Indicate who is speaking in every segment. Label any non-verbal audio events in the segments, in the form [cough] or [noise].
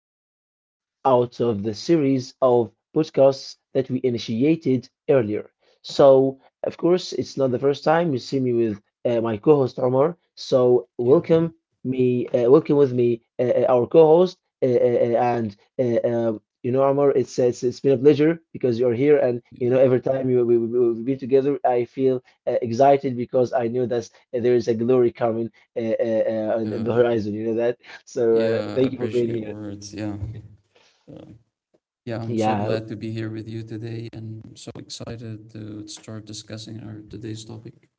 Speaker 1: podcast out of the series of podcasts that we initiated earlier. So, of course, it's not the first time you see me with my co host Omar. So,
Speaker 2: Yeah,
Speaker 1: welcome me, welcome with me, our co host. Omar, it's been a pleasure because you're here. And,
Speaker 2: yeah,
Speaker 1: every time you, we- we've been together, I feel excited because I know that there is a glory coming on the
Speaker 2: yeah,
Speaker 1: horizon, you know that. So
Speaker 2: yeah. I
Speaker 1: thank you for being
Speaker 2: appreciate
Speaker 1: here.
Speaker 2: words. Yeah, uh, yeah. I'm so
Speaker 1: Yeah.
Speaker 2: glad to be here with you today, and I'm so excited to start discussing our today's topic.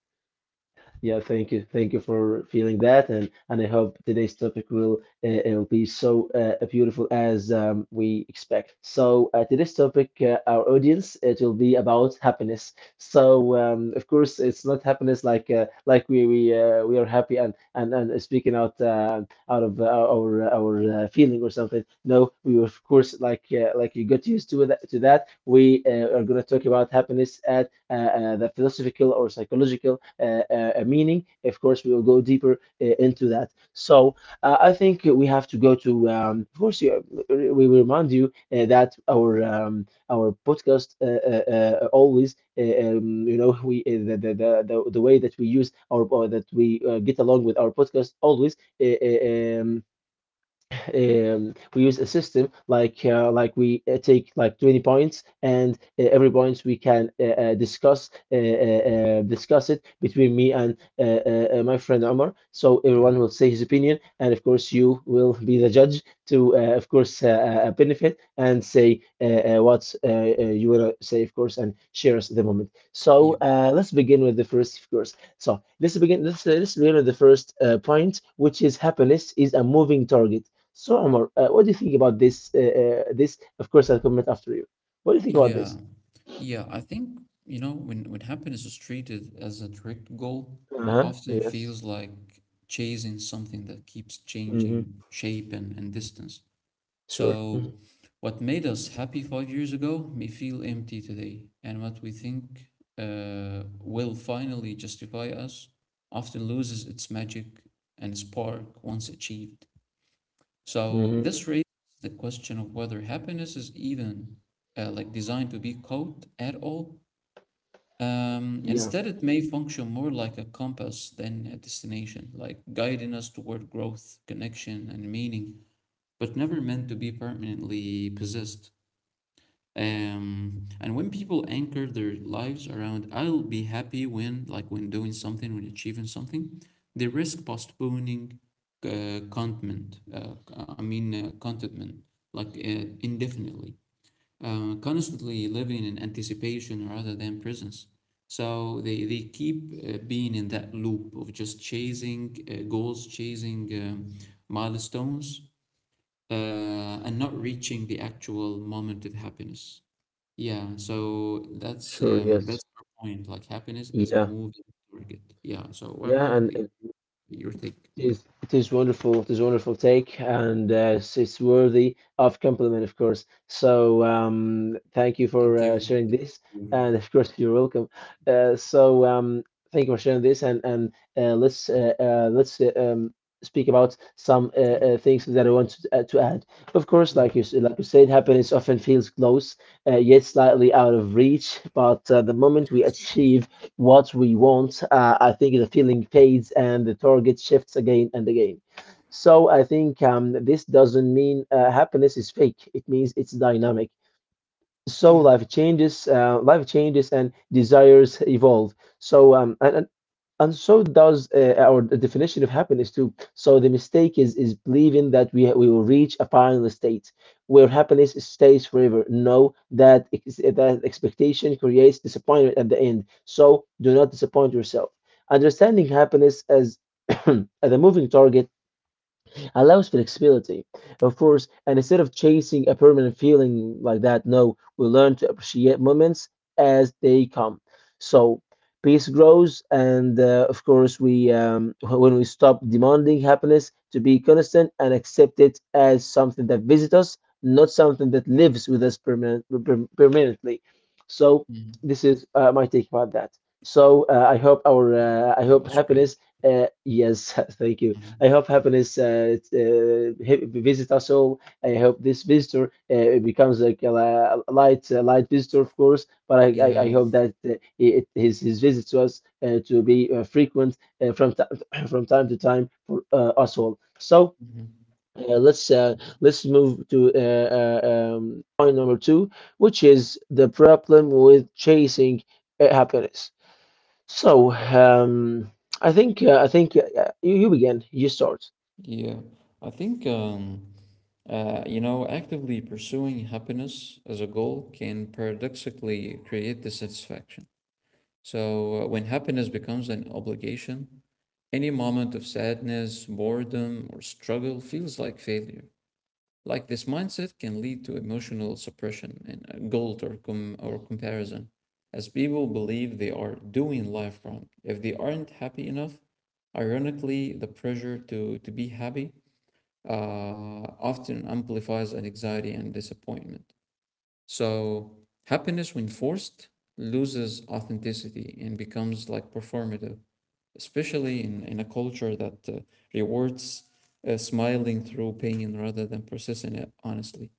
Speaker 1: Yeah, thank you. Thank you for feeling that, and I hope today's topic will it'll be so beautiful as we expect. So today's topic, our audience, it will be about happiness. So of course, it's not happiness like we are happy and speaking out out of our feeling or something. No, we will, of course, like you got used to that. We are gonna talk about happiness at the philosophical or psychological meaning. Of course, we will go deeper into that. So I think we have to go to. Of course, we will remind you that our podcast always. We the way that we use our or that we get along with our podcast always uh, uh, um, we use a system like we take like 20 points and every points we can discuss discuss it between me and my friend Omar. So
Speaker 2: Yeah,
Speaker 1: everyone will say his opinion, and of course you will be the judge to of course benefit and say what you want to say, of course, and share us the moment. So
Speaker 2: yeah,
Speaker 1: let's begin with the first, of course. So let's begin. Let's begin with the first point, which is happiness is a moving target. So, Omar, what do you think about this? This, of course, I'll comment after you. What do you think about this?
Speaker 2: yeah, yeah. I think when happiness is treated as a direct goal, it
Speaker 1: Uh-huh.
Speaker 2: often
Speaker 1: Yes.
Speaker 2: feels like chasing something that keeps
Speaker 1: Mm-hmm.
Speaker 2: changing shape and distance.
Speaker 1: Sure. Mm-hmm.
Speaker 2: So, what made us happy 5 years ago may feel empty today, and what we think will finally justify us often loses its magic and spark once achieved. So,
Speaker 1: Mm-hmm.
Speaker 2: this raises the question of whether happiness is even like designed to be caught at all.
Speaker 1: Yeah.
Speaker 2: Instead, it may function more like a compass than a destination, like guiding us toward growth, connection, and meaning, but never meant to be permanently possessed. And when people anchor their lives around I'll be happy when, like when doing something, when achieving something, they risk postponing contentment, I mean contentment, like indefinitely, constantly living in anticipation rather than presence. So they keep being in that loop of just chasing goals, chasing milestones, and not reaching the actual moment of happiness. Yeah, so that's
Speaker 1: Sure.
Speaker 2: um, that's
Speaker 1: Yes.
Speaker 2: our point, like happiness as a
Speaker 1: Yeah.
Speaker 2: moving target. Yeah. So what
Speaker 1: Yeah.
Speaker 2: about
Speaker 1: And, and
Speaker 2: your take?
Speaker 1: it is, it is wonderful. It is a wonderful take, and it's worthy of compliment, of course. So thank you for
Speaker 2: Thank you.
Speaker 1: sharing this, and of course you're welcome. Uh, so um, Thank you for sharing this, and let's speak about some
Speaker 2: Okay.
Speaker 1: things that I want to add. Of course,
Speaker 2: Yeah.
Speaker 1: like like you said, happiness often feels close, yet slightly out of reach. But the
Speaker 2: Yes.
Speaker 1: moment we achieve what we want. I think the feeling fades and the target shifts again and again. So I think this doesn't mean happiness is fake. It means it's dynamic. So
Speaker 2: Yeah.
Speaker 1: life changes, and desires evolve. So and so does our definition of happiness too. So the mistake is believing that we will reach a final state where happiness stays forever. No, that expectation creates disappointment at the end. So do not disappoint yourself. Understanding happiness as [clears throat] as a moving target allows flexibility, of course. And instead of chasing a permanent feeling like that, no, we learn to appreciate moments as they come. So peace grows, and of course, we when we stop demanding happiness to be constant and accept it as something that visits us, not something that lives with us permanent, permanently. So
Speaker 2: Mhm.
Speaker 1: this is my take about that. So
Speaker 2: Yeah.
Speaker 1: I
Speaker 2: That
Speaker 1: hope
Speaker 2: was great.
Speaker 1: happiness. Yes, [laughs] thank you. I
Speaker 2: Mhm.
Speaker 1: hope happiness uh, visit us all. I hope this visitor becomes like a light visitor, of course. But I
Speaker 2: Yeah.
Speaker 1: hope that it, his visit to us to be frequent from ti [clears throat] from time to time for us all. So
Speaker 2: Mhm.
Speaker 1: uh, let's uh, let's move to point number two, which is the problem with chasing happiness. So I think you, you begin. You start.
Speaker 2: Yeah. I think actively pursuing happiness as a goal can paradoxically create dissatisfaction. So, when happiness becomes an obligation, any moment of sadness, boredom, or struggle feels like failure. Like, this mindset can lead to emotional suppression and guilt or comparison, as people believe they are doing life wrong. If they aren't happy enough, ironically, the pressure to be happy uh, often amplifies anxiety and disappointment. So happiness, when forced, loses authenticity and becomes like performative, especially in a culture that rewards smiling through pain rather than persisting it honestly.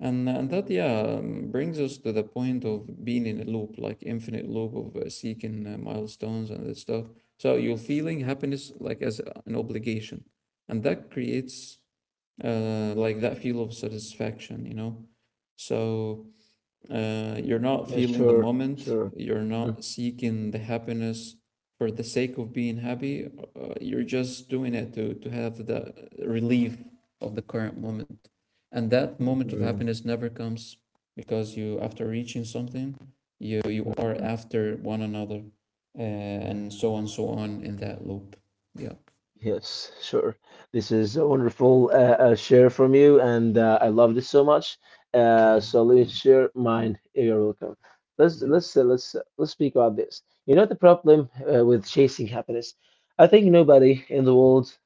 Speaker 2: And that, yeah, brings us to the point of being in a loop, like infinite loop of seeking milestones and this stuff. So you're feeling happiness like as an obligation. And that creates like that feel of satisfaction, you know? So you're not
Speaker 1: Yeah,
Speaker 2: feeling the moment.
Speaker 1: sure.
Speaker 2: You're not seeking the happiness for the sake of being happy. You're just doing it to have the relief of the current moment. And that moment of
Speaker 1: Mm-hmm.
Speaker 2: happiness never comes because you, after reaching something, you are
Speaker 1: Hmm.
Speaker 2: after one another, and so on, so on in that loop. Yeah.
Speaker 1: Yes, sure. This is a wonderful share from you, and I love this so much.
Speaker 2: Yeah.
Speaker 1: So let
Speaker 2: Thank
Speaker 1: me
Speaker 2: you.
Speaker 1: share mine. You're welcome.
Speaker 2: Yeah.
Speaker 1: Let's speak about this. You know the problem with chasing happiness. I think nobody in the world.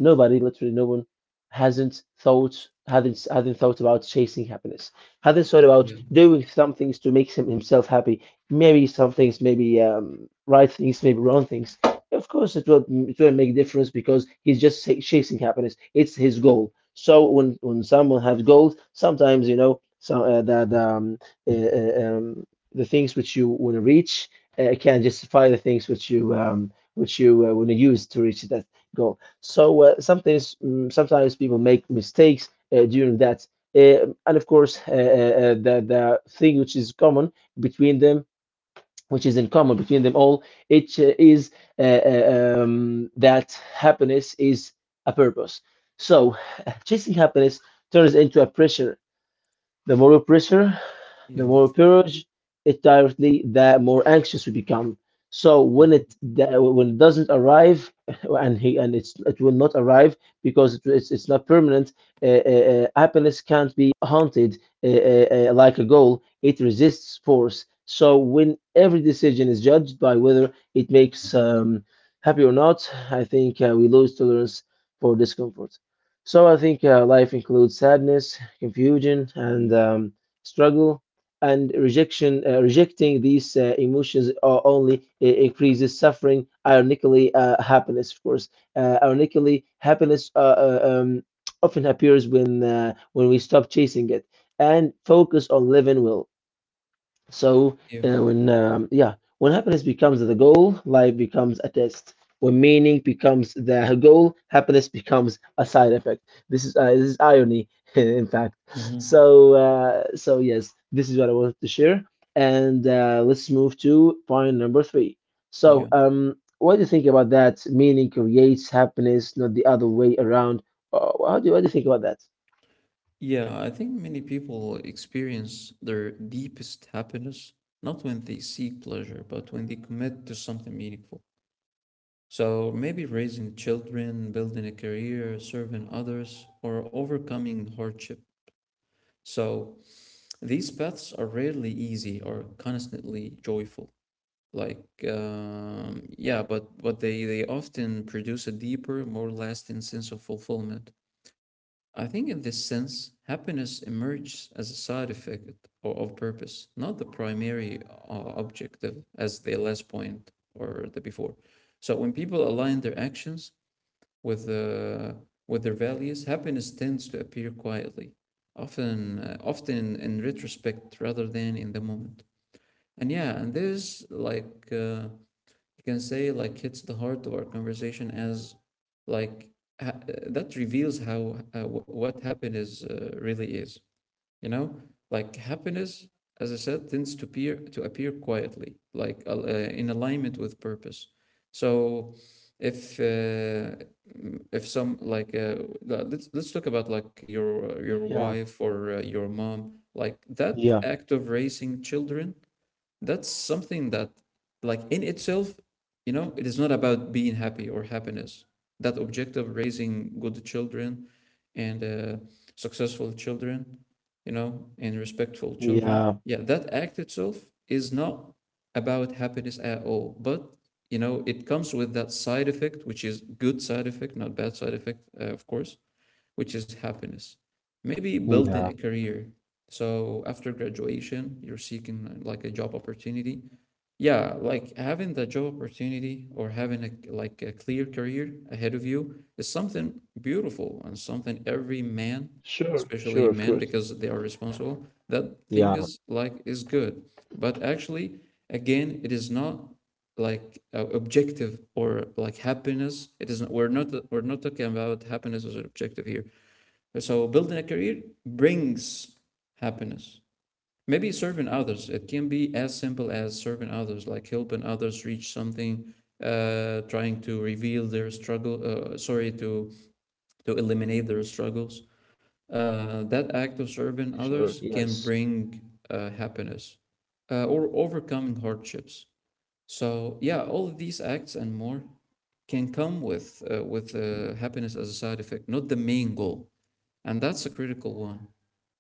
Speaker 1: Nobody, literally no one, hasn't thought hadn't hadn't thought about chasing happiness. Hadn't thought about
Speaker 2: Yeah.
Speaker 1: doing some things to make himself happy. Maybe some things, maybe right things, maybe wrong things. Of course, it will make a difference because he's just chasing happiness. It's his goal. So when someone has goals, sometimes you know some that uh, uh, um, the things which you want to reach can justify the things which you want to use to reach that goal. So sometimes sometimes people make mistakes during that, and of course the thing which is common between them, which is in common between them all, it is that happiness is a purpose. So [laughs] chasing happiness turns into a pressure. The moral pressure the
Speaker 2: Yeah.
Speaker 1: more purge it directly, the more anxious we become. So when
Speaker 2: Mhm.
Speaker 1: when it doesn't arrive, [laughs] and he and it's it will not arrive because it's not permanent. Happiness can't be haunted like a goal. It resists force. So when every decision is judged by whether it makes happy or not, I think we lose tolerance for discomfort. So I think life includes sadness, confusion, and struggle and rejection, rejecting these emotions only increases suffering. Ironically, happiness, of course. Ironically, happiness uh, um, often appears when we stop chasing it and focus on living well. So
Speaker 2: Yeah.
Speaker 1: when yeah, when happiness becomes the goal, life becomes a test. When meaning becomes the goal, happiness becomes a side effect. This is irony, [laughs] in fact.
Speaker 2: Hmm.
Speaker 1: So so yes, this is what I wanted to share. And let's move to point number three. So
Speaker 2: Yeah.
Speaker 1: what do you think about that? Meaning creates happiness, not the other way around. How do what do you think about that?
Speaker 2: Yeah, I think many people experience their deepest happiness not when they seek pleasure, but when they commit to something meaningful. So maybe raising children, building a career, serving others, or overcoming hardship. So these paths are rarely easy or constantly joyful. Like, yeah, but they often produce a deeper, more lasting sense of fulfillment. I think in this sense, happiness emerges as a side effect or of purpose, not the primary objective, as the last point or the before. So when people align their actions with uh, with their values, happiness tends to appear quietly, often in retrospect rather than in the moment. And yeah, and there's like you can say like hits the heart of our conversation as like ha- that reveals how, what happiness really is, you know like happiness, as I said, tends to appear quietly, like in alignment with purpose. So if mm, if some like la- let's talk about, like, your
Speaker 1: Yeah,
Speaker 2: wife or your mom, like that
Speaker 1: yeah,
Speaker 2: act of raising children, that's something that, like, in itself, it is not about being happy or happiness. That objective, raising good children and successful children, and respectful children,
Speaker 1: yeah,
Speaker 2: yeah, that act itself is not about happiness at all, but it comes with that side effect, which is good side effect, not bad side effect, of course, which is happiness. Maybe building a
Speaker 1: yeah.
Speaker 2: career. So after graduation, you're seeking like a job opportunity. Yeah, like having the job opportunity or having a, like, a clear career ahead of you is something beautiful and something every man,
Speaker 1: Sure, sure,
Speaker 2: especially
Speaker 1: of
Speaker 2: men,
Speaker 1: course.
Speaker 2: because they are responsible, that thing
Speaker 1: Yeah,
Speaker 2: is, like, is good. But actually, again, it is not like objective or like happiness, it is not, we're not talking about happiness as an objective here, so building a career brings happiness. Maybe serving others. It can be as simple as serving others, like helping others reach something, trying to reveal their struggle. Sorry, to eliminate their struggles. That act of serving
Speaker 1: sure,
Speaker 2: others can
Speaker 1: yes.
Speaker 2: bring happiness, or overcoming hardships. So yeah, all of these acts and more can come with happiness as a side effect, not the main goal, and that's a critical one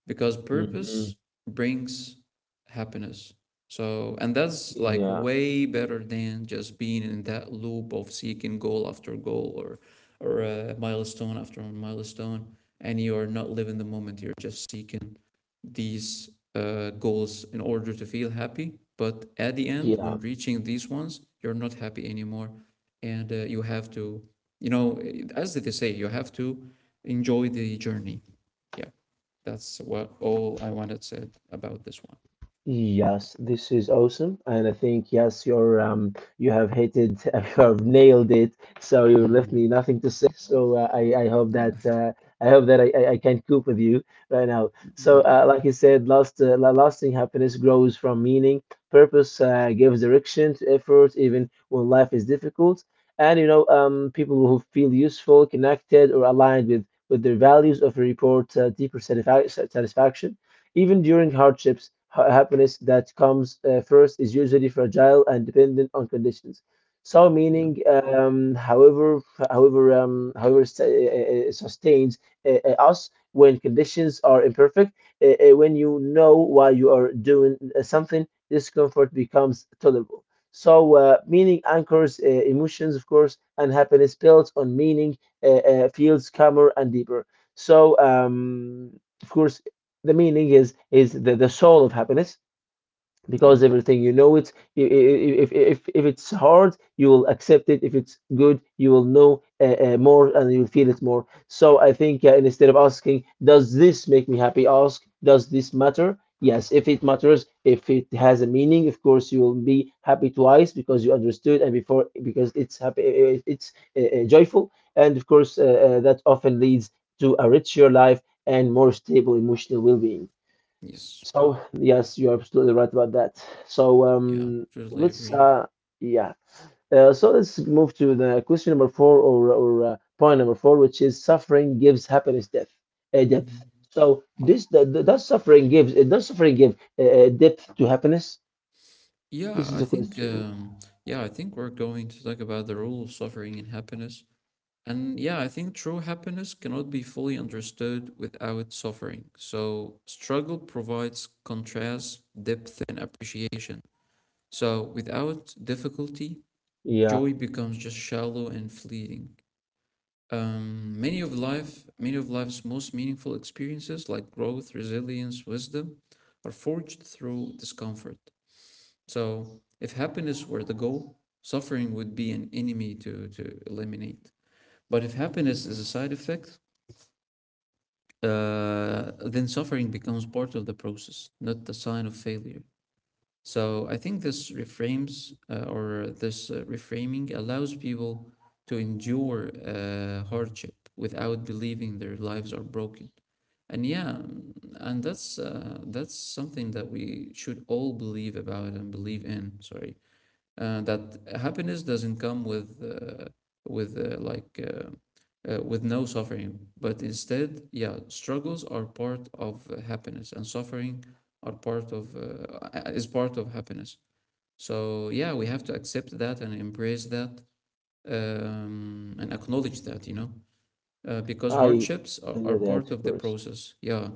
Speaker 2: because
Speaker 1: Mm-hmm.
Speaker 2: purpose brings happiness. So, and that's, like,
Speaker 1: Yeah,
Speaker 2: way better than just being in that loop of seeking goal after goal, or milestone after milestone, and you are not living the moment. You're just seeking these goals in order to feel happy. But at the end, when
Speaker 1: yeah.
Speaker 2: reaching these ones, you're not happy anymore, and you have to, you know, as they say, you have to enjoy the journey. Yeah. That's what all I wanted said about this one.
Speaker 1: Yes, this is awesome, and I think yes, you're you have hit it, [laughs] you have nailed it. So you left
Speaker 2: Mm.
Speaker 1: me nothing to say. So
Speaker 2: Yeah.
Speaker 1: I hope that I can cope with you right now. So
Speaker 2: Mm,
Speaker 1: like you said, last lasting happiness grows from meaning. Purpose gives direction to effort, even when life is difficult. And you know, people who feel useful, connected, or aligned with their values often report deeper satisfaction even during hardships, happiness that comes first is usually fragile and dependent on conditions. So
Speaker 2: yeah.
Speaker 1: meaning, however, however, however, sa- sustains us when conditions are imperfect. When you know why you are doing something, discomfort becomes tolerable. So, meaning anchors emotions, of course, and happiness built on meaning feels calmer and deeper. So, of course, the meaning is the soul of happiness because
Speaker 2: Yeah.
Speaker 1: everything you know it, if it's hard you will accept it, if it's good you will know more and you'll feel it more. So I think instead of asking does this make me happy, ask does this matter. Yes, if it matters, if it has a meaning, of course you will be happy twice because you understood and before because it's happy, it's joyful. And of course that often leads to a richer life and more stable emotional well-being.
Speaker 2: Yes.
Speaker 1: So yes, you are absolutely right about that. So
Speaker 2: Yeah. Totally
Speaker 1: let's
Speaker 2: agree.
Speaker 1: yeah. So let's move to the question number four or point number four, which is suffering gives happiness depth.
Speaker 2: Hmm.
Speaker 1: Depth. So
Speaker 2: Yeah.
Speaker 1: this the, does suffering gives does suffering give depth to happiness?
Speaker 2: Yeah.
Speaker 1: This is
Speaker 2: I
Speaker 1: a
Speaker 2: think.
Speaker 1: question.
Speaker 2: Yeah. I think we're going to talk about the role of suffering in happiness. And yeah, I think true happiness cannot be fully understood without suffering. So struggle provides contrast, depth, and appreciation. So without difficulty,
Speaker 1: Yeah,
Speaker 2: joy becomes just shallow and fleeting. Many of life's most meaningful experiences, like growth, resilience, wisdom, are forged through discomfort. So, if happiness were the goal, suffering would be an enemy to eliminate. But if happiness is a side effect, then suffering becomes part of the process, not a sign of failure. So I think this reframes, or this reframing allows people to endure hardship without believing their lives are broken. And yeah, and that's something that we should all believe about and believe in. Sorry, that happiness doesn't come with uh, like uh, with no suffering, but instead, yeah, struggles are part of happiness, and suffering are part of is part of happiness. So yeah, we have to accept that and embrace that, and acknowledge that, because
Speaker 1: I
Speaker 2: hardships are,
Speaker 1: I
Speaker 2: are
Speaker 1: know that
Speaker 2: part
Speaker 1: of
Speaker 2: of the
Speaker 1: course.
Speaker 2: process. Yeah.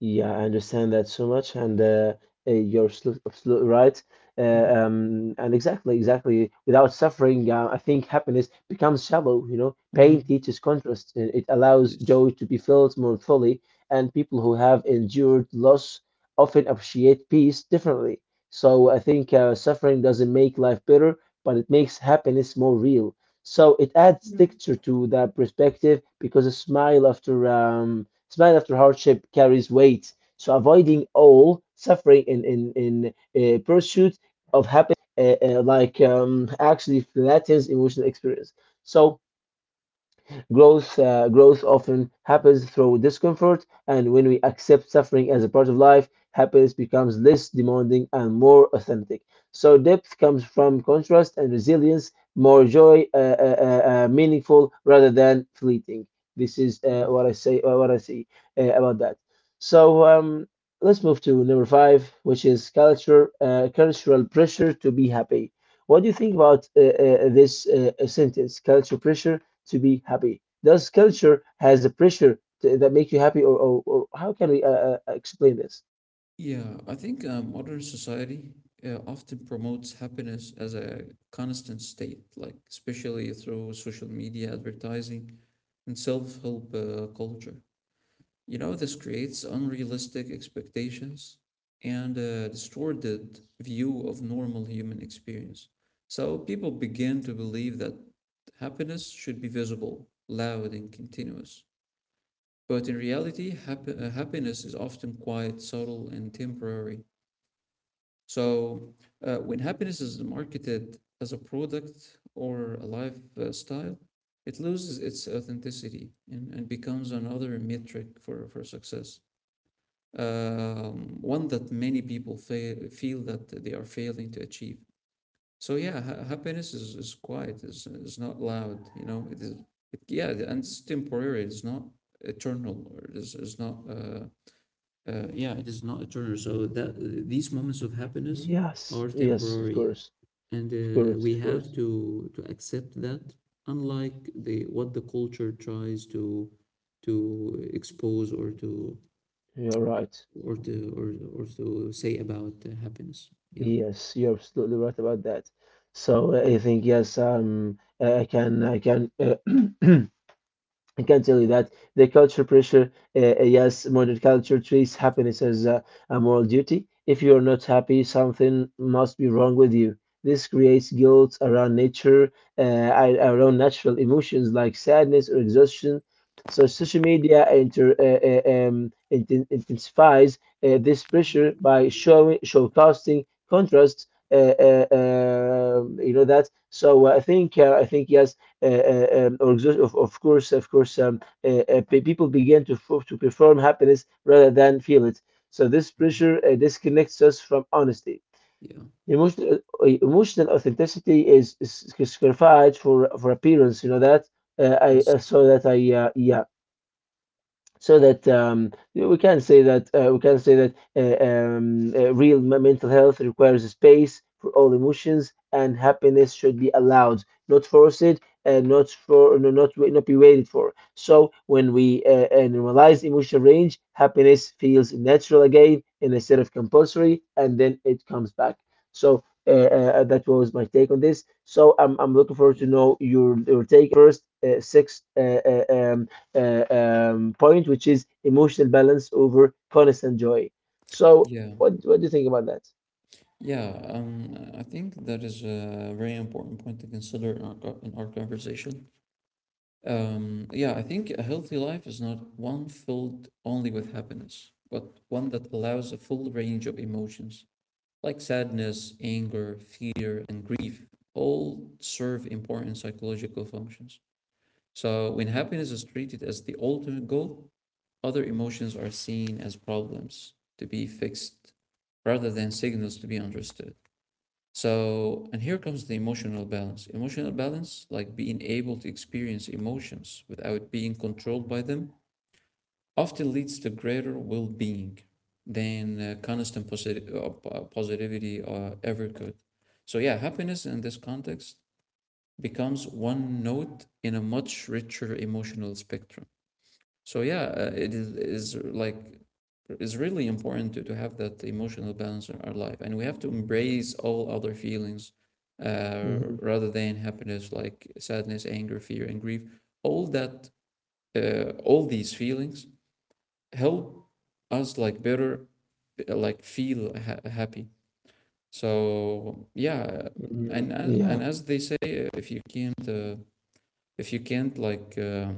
Speaker 1: Yeah, I understand that so much, and you're absolutely right. Uh,
Speaker 2: Mhm.
Speaker 1: um, and exactly. Without suffering, I think happiness becomes shallow. You know, pain
Speaker 2: Mhm.
Speaker 1: teaches contrast, and it allows
Speaker 2: Yes.
Speaker 1: joy to be felt more fully. And people who have endured loss often appreciate peace differently. So I think suffering doesn't make life better, but it makes happiness more real. So it adds texture to that perspective because a smile after hardship carries weight. So avoiding all suffering in pursuit of happiness, actually flattens emotional experience. So growth often happens through discomfort, and when we accept suffering as a part of life, happiness becomes less demanding and more authentic. So, depth comes from contrast and resilience, more joy, meaningful rather than fleeting. This is
Speaker 2: Mhm.
Speaker 1: what I say, what I see about that. So, um, let's move to number five, which is culture, cultural pressure to be happy. What do you think about this sentence, culture pressure to be happy. Does culture has a pressure to, that makes you happy, or, or how can we explain this?
Speaker 2: Yeah, I think modern society often promotes happiness as a constant state, like especially through social media advertising and self-help culture. This creates unrealistic expectations and a distorted view of normal human experience. So people begin to believe that happiness should be visible, loud, and continuous. But in reality, happiness is often quite subtle and temporary. So, when happiness is marketed as a product or a lifestyle, it loses its authenticity and becomes another metric for success, one that many people feel that they are failing to achieve. So, yeah, happiness is quiet, is not loud, yeah, and it's temporary, it's not eternal, or it's not. Yeah, it is not eternal. So that these moments of happiness
Speaker 1: Yes,
Speaker 2: are
Speaker 1: yes, of
Speaker 2: temporary,
Speaker 1: course,
Speaker 2: and
Speaker 1: of course,
Speaker 2: we
Speaker 1: of
Speaker 2: have
Speaker 1: course.
Speaker 2: to accept that. Unlike the what the culture tries to expose or to
Speaker 1: You're right.
Speaker 2: or to or, or to say about happiness. Yeah.
Speaker 1: Yes, you're absolutely right about that. So I think yes, I can. [clears throat] I can tell you that the culture pressure, yes, modern culture treats happiness as a moral duty. If you are not happy, something must be wrong with you. This creates guilt around nature, uh, around natural emotions like sadness or exhaustion. So social media intensifies this pressure by showcasting contrasts. You know that. So I think yes or exhaust- of course, pe- people begin to to perform happiness rather than feel it. So this
Speaker 2: Mhm.
Speaker 1: pressure disconnects us from honesty.
Speaker 2: Yeah.
Speaker 1: Emotional, emotional authenticity is sacrificed for appearance. You know that
Speaker 2: Yes.
Speaker 1: I saw that I yeah so that yeah, we can say that we can say that real mental health requires space for all emotions, and happiness should be allowed, not forced, and not for no, not not be waited for. So when we normalize emotional range, happiness feels natural again and instead of compulsory, and then it comes back. So. That was my take on this. So I'm looking forward
Speaker 2: Yeah.
Speaker 1: to know your take first. Six uh, um, point, which is emotional balance over constant joy. So,
Speaker 2: Yeah.
Speaker 1: what do you think about that?
Speaker 2: Yeah. I think that is a very important point to consider in our conversation. Yeah, I think a healthy life is not one filled only with happiness, but one that allows a full range of emotions, like sadness, anger, fear, and grief, all serve important psychological functions. So, when happiness is treated as the ultimate goal, other emotions are seen as problems to be fixed rather than signals to be understood. So, and here comes the emotional balance. Emotional balance, like being able to experience emotions without being controlled by them, often leads to greater well being than constant positivity ever could. So, yeah, happiness in this context becomes one note in a much richer emotional spectrum. So yeah, it is like it's really important to have that emotional balance in our life, and we have to embrace all other feelings
Speaker 1: Hmm.
Speaker 2: rather than happiness, like sadness, anger, fear, and grief. All that, all these feelings help us like better, like feel happy. So yeah,
Speaker 1: Hmm.
Speaker 2: and
Speaker 1: Yeah,
Speaker 2: as they say, if you can't like. Uh,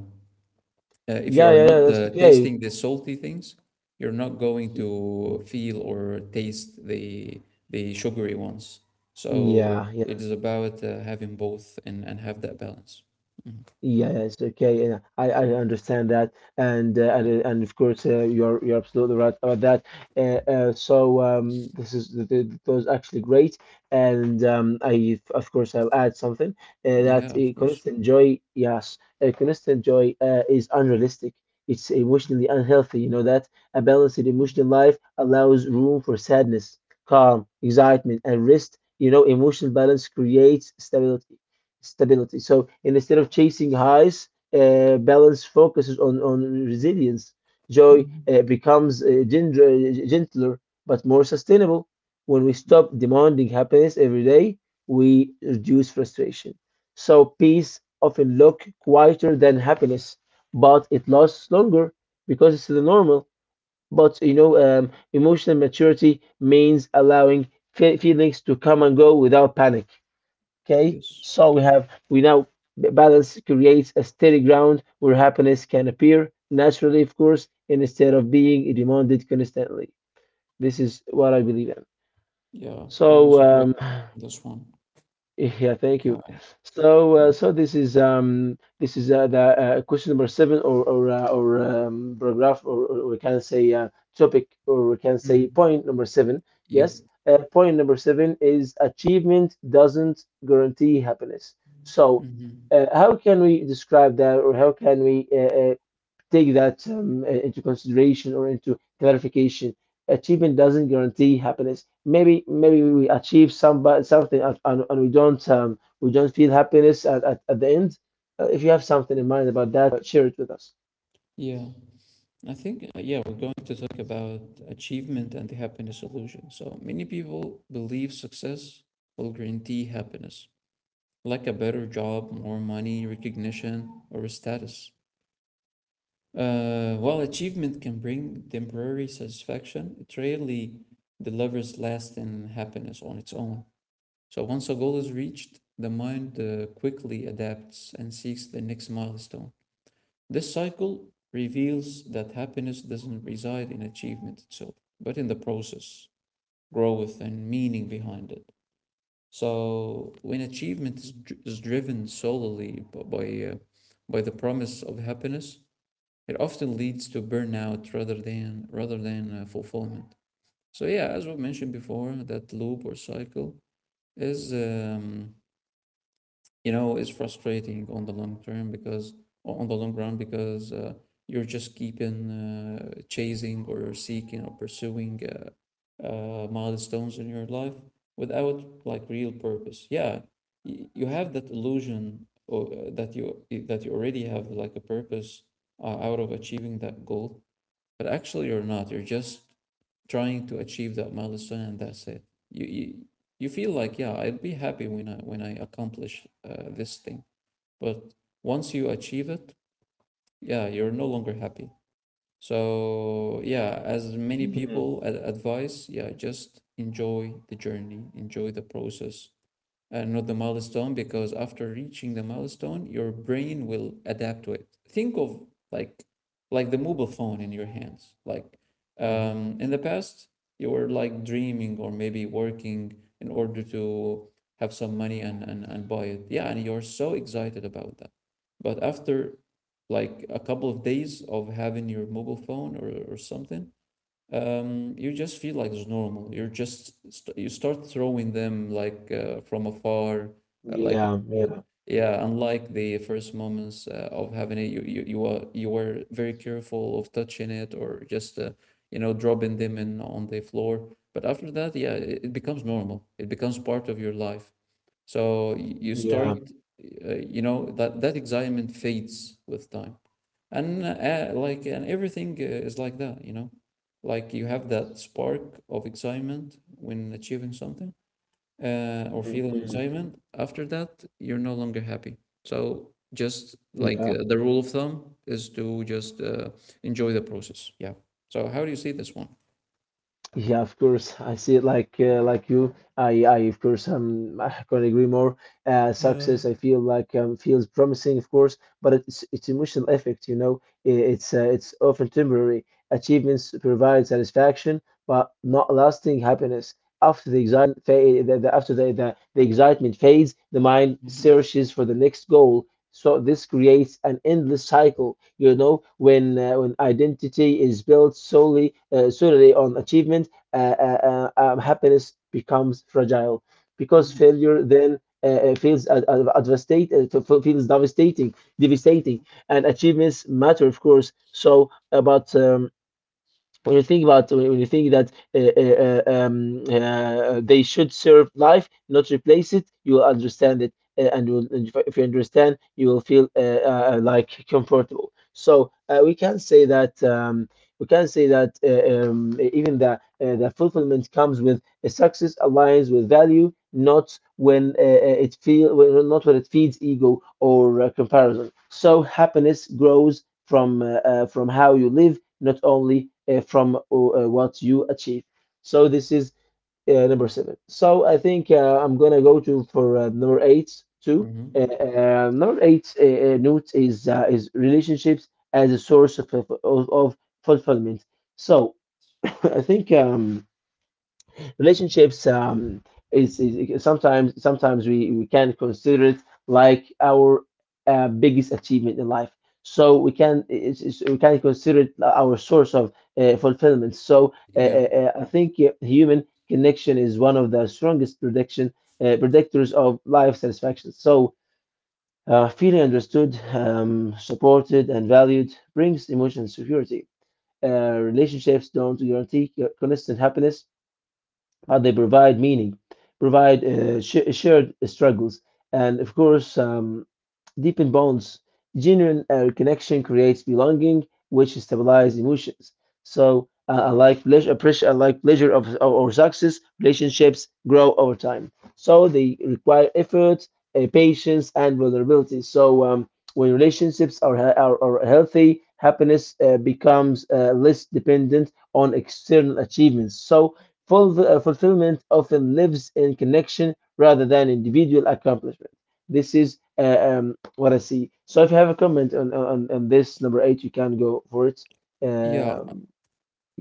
Speaker 2: uh, if you
Speaker 1: yeah,
Speaker 2: are
Speaker 1: yeah, yeah.
Speaker 2: not
Speaker 1: That's okay.
Speaker 2: tasting the salty things, you're not going
Speaker 1: Yeah,
Speaker 2: to feel or taste the sugary ones. So it
Speaker 1: yeah.
Speaker 2: is about having both and have that balance. Mhm.
Speaker 1: Yes, okay, yeah, I understand that, and
Speaker 2: Yeah,
Speaker 1: and of course you're absolutely right about that. This is th th that was actually great, and I of course I'll add something that
Speaker 2: yeah, of course.
Speaker 1: constant joy, yes, constant joy is unrealistic. It's emotionally unhealthy. You know that a balanced emotional life allows room for sadness, calm, excitement, and rest. You know, emotional balance creates stability. So and instead of chasing highs, balance focuses on resilience. Joy
Speaker 2: Hmm.
Speaker 1: becomes gentler but more sustainable. When we
Speaker 2: Yeah,
Speaker 1: stop demanding happiness every day, we reduce frustration. So peace often look quieter than happiness, but it lasts longer because it's the normal. But you know, emotional maturity means allowing feelings to come and go without panic. Okay,
Speaker 2: yes.
Speaker 1: so we have we now balance creates a steady ground where happiness can appear naturally, of course, instead of being demanded constantly. This is what I believe in.
Speaker 2: Yeah, that was
Speaker 1: So,
Speaker 2: a great
Speaker 1: um,
Speaker 2: this one.
Speaker 1: yeah, thank you.
Speaker 2: Yeah.
Speaker 1: So this is the question number seven, or paragraph, or we can say topic, or we can say
Speaker 2: Mhm.
Speaker 1: point number seven.
Speaker 2: Yep.
Speaker 1: Yes, point number seven is achievement doesn't guarantee happiness. So,
Speaker 2: Hmm.
Speaker 1: how can we describe that, or how can we take that into consideration or into clarification. Achievement doesn't guarantee happiness. Maybe we achieve some something and, and we don't feel happiness at the end. If you have something in mind about that, share it with us.
Speaker 2: Yeah. Yeah, we're going to talk about achievement and the happiness illusion. So, many people believe success will guarantee happiness, like a better job, more money, recognition, or a status. While achievement can bring temporary satisfaction, it rarely delivers lasting happiness on its own. So, once a goal is reached, the mind quickly adapts and seeks the next milestone. This cycle reveals that happiness doesn't reside in achievement itself, but in the process, growth, and meaning behind it. So, when achievement is driven solely by the promise of happiness, it often leads to burnout rather than fulfillment. So yeah, as we mentioned before, that loop or cycle is you know is frustrating on the long term because on the long run because you're just keeping chasing or seeking or pursuing milestones in your life without like real purpose. Yeah, you have that illusion or, that you already have like a purpose out of achieving that goal, but actually you're not you're just trying to achieve that milestone and that's it you you, you feel like yeah, I'll be happy when I accomplish this thing. But once you achieve it, yeah, you're no longer happy. So yeah, as many
Speaker 1: Mhm,
Speaker 2: people advise, yeah, just enjoy the journey, enjoy the process, not the milestone, because after reaching the milestone, your brain will adapt to it. Think of like like the mobile phone in your hands. Like
Speaker 1: mhm.
Speaker 2: in the past, you were like dreaming or maybe working in order to have some money and buy it. Yeah, and you're so excited about that. But after like a couple of days of having your mobile phone or something, you just feel like it's normal. You start throwing them like from afar, uh, like
Speaker 1: Yeah,
Speaker 2: uh,
Speaker 1: yeah,
Speaker 2: yeah. Unlike the first moments of having it, you were very careful of touching it or just you know dropping them in on the floor. But after that, yeah, it becomes normal. It becomes part of your life. So you
Speaker 1: yeah.
Speaker 2: start, you know, that excitement fades with time, and like and everything is like that, you know, like you have that spark of excitement when achieving something, or feeling
Speaker 1: Mhm.
Speaker 2: excitement. After that, you're no longer happy. So just like
Speaker 1: Yeah,
Speaker 2: the rule of thumb is to just enjoy the process. Yeah. So how do you see this one?
Speaker 1: yeah, of course. I see it like you. I of course, I can't agree more. Success, I feel like feels promising, of course, but it's emotional effect, you know. It's often temporary. Achievements provide satisfaction, but not lasting happiness. After the after the the excitement fades, the mind
Speaker 2: Hmm.
Speaker 1: searches for the next goal. So this creates an endless cycle, you know, when identity is built solely on achievement, happiness becomes fragile because
Speaker 2: Hmm.
Speaker 1: failure then feels ad- ad- advastate- f- f- feels devastating, and achievements matter, of course. So, but when you think that they should serve life, not replace it, you will understand it, and you will, and if you understand, you will feel like comfortable. So we can say that we can say that even the fulfillment comes with a success aligns with value, not when it feel not when it feeds ego or comparison. So happiness grows from how you live not only from what you achieve. So this is number seven. So I think I'm gonna go to for number eight too.
Speaker 2: Hmm.
Speaker 1: Number eight note is relationships as a source of of fulfillment. So [laughs] I think relationships is sometimes we can consider it like our biggest achievement in life so we can it's, we can consider it our source of fulfillment so
Speaker 2: Yeah.
Speaker 1: I think human connection is one of the strongest prediction predictors of life satisfaction so feeling understood supported and valued brings emotional security relationships don't guarantee constant happiness how they provide meaning, provide shared struggles, and of course, deepen bonds. Genuine connection creates belonging, which stabilizes emotions. So I like pleasure, pressure, I like pleasure of or success. Relationships grow over time, so they require effort, patience, and vulnerability. So when relationships are healthy, happiness becomes less dependent on external achievements. So fulfillment often lives in connection rather than individual accomplishment. This is what I see. So if you have a comment on this number eight, you can go for it.
Speaker 2: Yeah.
Speaker 1: Um,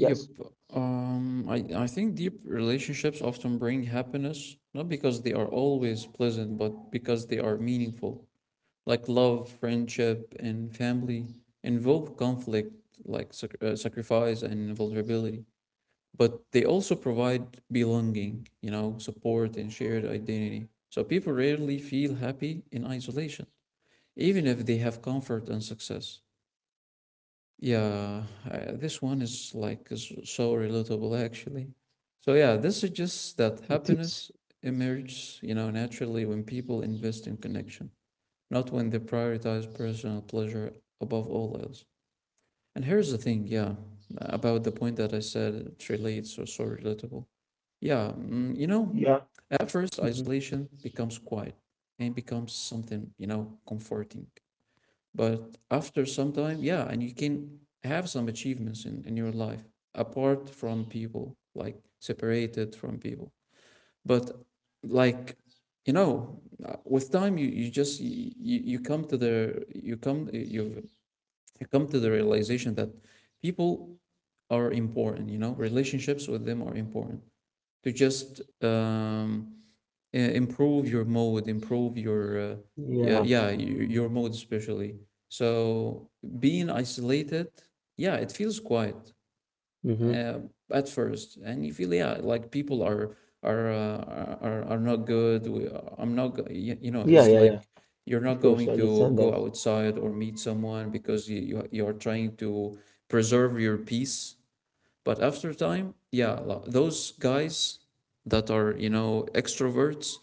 Speaker 2: Yep. I think deep relationships often bring happiness, not because they are always pleasant, but because they are meaningful. Like love, friendship, and family involve conflict, like sacrifice and vulnerability. But they also provide belonging, you know, support and shared identity. So people rarely feel happy in isolation, even if they have comfort and success. Yeah, I, this one is like is so relatable actually. So yeah, this suggests that
Speaker 1: it is.
Speaker 2: happiness emerges, you know, naturally when people invest in connection, not when they prioritize personal pleasure above all else. And here's the thing, yeah, about the point that I said it relates or so relatable. Yeah, mm, you know,
Speaker 1: Yeah.
Speaker 2: at first
Speaker 1: Hmm.
Speaker 2: isolation becomes quiet and becomes something, you know, comforting. But after some time, yeah, and you can have some achievements in your life apart from people, like separated from people. But like you know, with time, you just you, you come to the you come you you come to the realization that people are important. You know, relationships with them are important to just improve your mode, improve your yeah,
Speaker 1: Yeah.
Speaker 2: yeah, your mode especially. So being isolated, yeah, it feels quiet
Speaker 1: Hmm.
Speaker 2: uh, at first, and you feel yeah, like people are not good. We, I'm not, you know,
Speaker 1: Yeah.
Speaker 2: it's
Speaker 1: Yeah.
Speaker 2: like
Speaker 1: Yeah.
Speaker 2: you're
Speaker 1: Of
Speaker 2: not
Speaker 1: course,
Speaker 2: going
Speaker 1: I
Speaker 2: to
Speaker 1: understand that.
Speaker 2: go outside or meet someone because you're trying to preserve your peace. But after time, yeah, those guys that are you know extroverts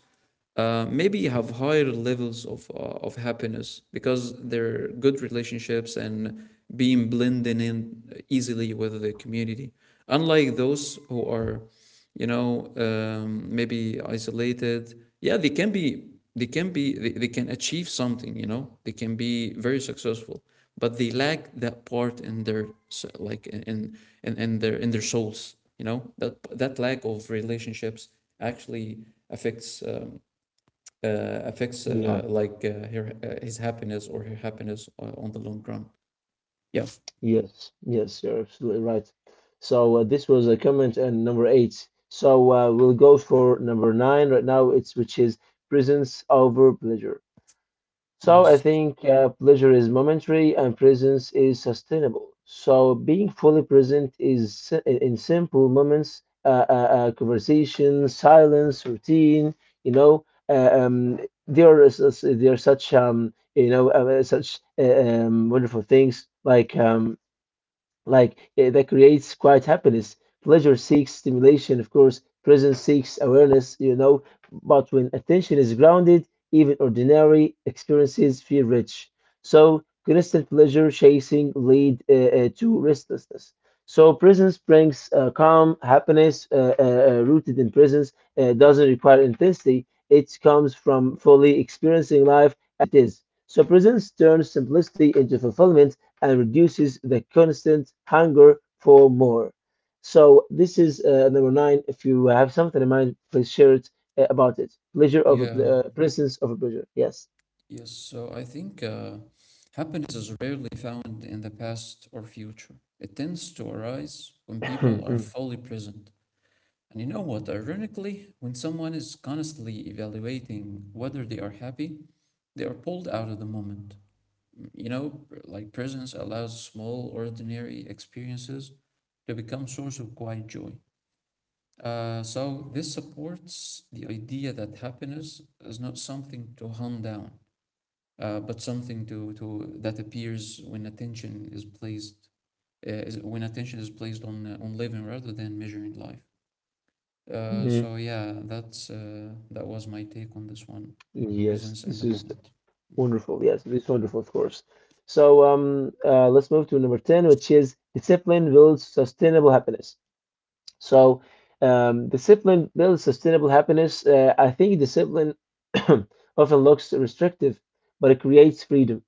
Speaker 2: maybe have higher levels of happiness because they're good relationships and being blending in easily with the community. Unlike those who are, you know, maybe isolated. Yeah, they can be. They can be. They can achieve something. You know, they can be very successful, but they lack that part in their s- like in their souls. You know that that lack of relationships actually affects affects
Speaker 1: Yeah.
Speaker 2: like her his happiness or her happiness on the long run. Yeah.
Speaker 1: Yes. Yes. You're absolutely right. So this was a comment on number eight. So we'll go for number nine right now. It's which is presence over pleasure. So I
Speaker 2: Yes.
Speaker 1: think pleasure is momentary and presence is sustainable. So being fully present is in simple moments, conversation, silence, routine. You know, there there are such you know such wonderful things like that creates quiet happiness. Pleasure seeks stimulation, of course. Presence seeks awareness, you know. But when attention is grounded, even ordinary experiences feel rich. So constant pleasure chasing lead to restlessness. So presence brings calm, happiness rooted in presence. Doesn't require intensity. It comes from fully experiencing life as it is. So presence turns simplicity into fulfillment and reduces the constant hunger for more. So this is number nine. If you have something in mind, please share it about it. Pleasure over
Speaker 2: Yeah.
Speaker 1: presence over pleasure. Yes.
Speaker 2: Yes. So I think happiness is rarely found in the past or future. It tends to arise when people are
Speaker 1: [clears throat]
Speaker 2: fully present. And you know what? Ironically, when someone is constantly evaluating whether they are happy, they are pulled out of the moment. You know, like presence allows small, ordinary experiences to become source of quiet joy. So this supports the idea that happiness is not something to hunt down, but something to that appears when attention is placed on living rather than measuring life.
Speaker 1: Mm, mm.
Speaker 2: So yeah, that's that was my take on this one,
Speaker 1: Yes,
Speaker 2: presence in
Speaker 1: this
Speaker 2: the
Speaker 1: is
Speaker 2: moment. Mhm.
Speaker 1: wonderful. Yes, this is wonderful, of course. Let's move to number 10, which is discipline builds sustainable happiness. So discipline builds sustainable happiness. I think discipline [coughs] [clears throat] often looks restrictive, but it creates freedom.